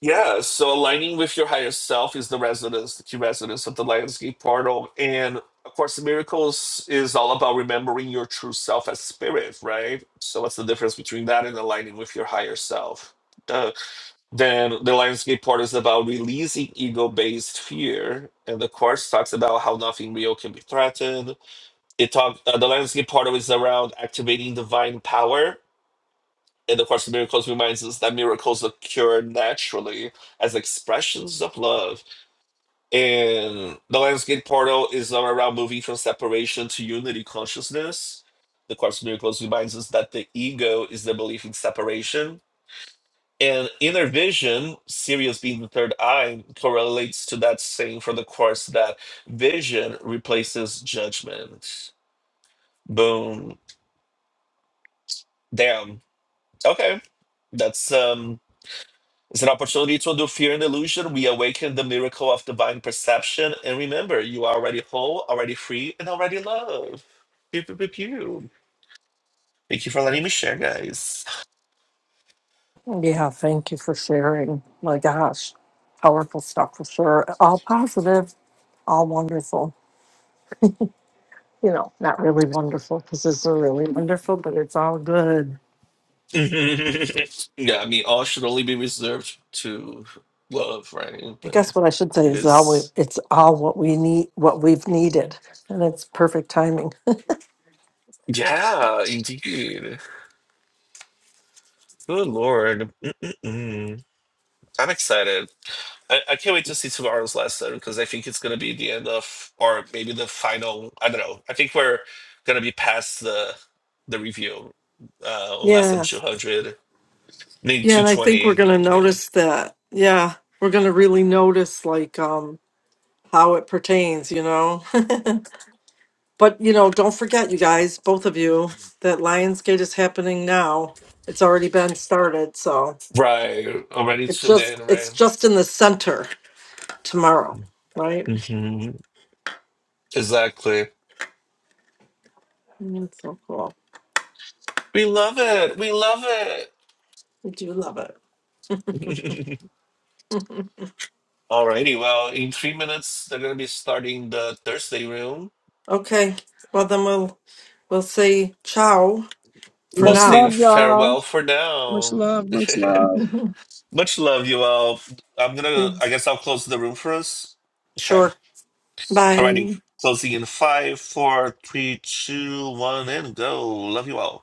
B: Yeah, so aligning with your higher self is the resonance, the key resonance of the Lionsgate portal. And of course, miracles is all about remembering your true self as spirit, right? So what's the difference between that and aligning with your higher self? Uh, then the Lionsgate portal is about releasing ego-based fear. And the course talks about how nothing real can be threatened. It talk uh, the Lionsgate portal is around activating divine power in the Course of Miracles reminds us that miracles occur naturally as expressions of love. And the Lionsgate portal is all around moving from separation to unity consciousness. The Course of Miracles reminds us that the ego is the belief in separation. And inner vision, Sirius being the third eye, correlates to that saying from the Course that vision replaces judgment. Boom. Damn. Okay. That's um It's an opportunity to undo fear and illusion. We awaken the miracle of divine perception. And remember, you are already whole, already free, and already loved. Pew, pew, pew, pew. Thank you for letting me share, guys.
D: Yeah, thank you for sharing. My gosh, powerful stuff for sure. All positive, all wonderful. You know, not really wonderful because it's a really wonderful, but it's all good.
B: yeah, I mean, all should only be reserved to love, right?
D: I
B: But
D: guess what I should say
B: it
D: is all we,
B: is.
D: it's all what we need, what we've needed, and it's perfect timing.
B: Yeah, indeed. Good Lord. Mm-mm-mm. I'm excited. I, I can't wait to see tomorrow's lesson because I think it's going to be the end of, or maybe the final. I don't know. I think we're going to be past the the review uh, on lesson
D: Yeah,
B: 200, maybe
D: yeah, and I think we're
B: 220.
D: gonna
B: You know.
D: notice that. Yeah, we're gonna really notice like um how it pertains. You know. But you know, don't forget, you guys, both of you, that Lionsgate is happening now. It's already been started, so
B: Right. Already
D: it
B: to the
D: just
B: end,
D: it's
B: right?
D: just in the center tomorrow, right?
B: hmm Exactly.
D: Mm, It's so cool.
B: We love it. We love it.
D: We do love it.
B: Alrighty. Well, in three minutes, they're going to be starting the Thursday room.
D: Okay, well then we'll we'll say ciao for
B: We'll
C: Much
B: say
C: love,
D: now.
C: y'all.
B: farewell for
C: Much
B: now.
C: love. Much love.
B: Much love, you all. I'm gonna. I
D: Yes.
B: guess I'll close the room first.
D: Sure.
B: Okay.
D: Bye.
B: Alrighty. Closing in five, four, three, two, one, and go. Love you all.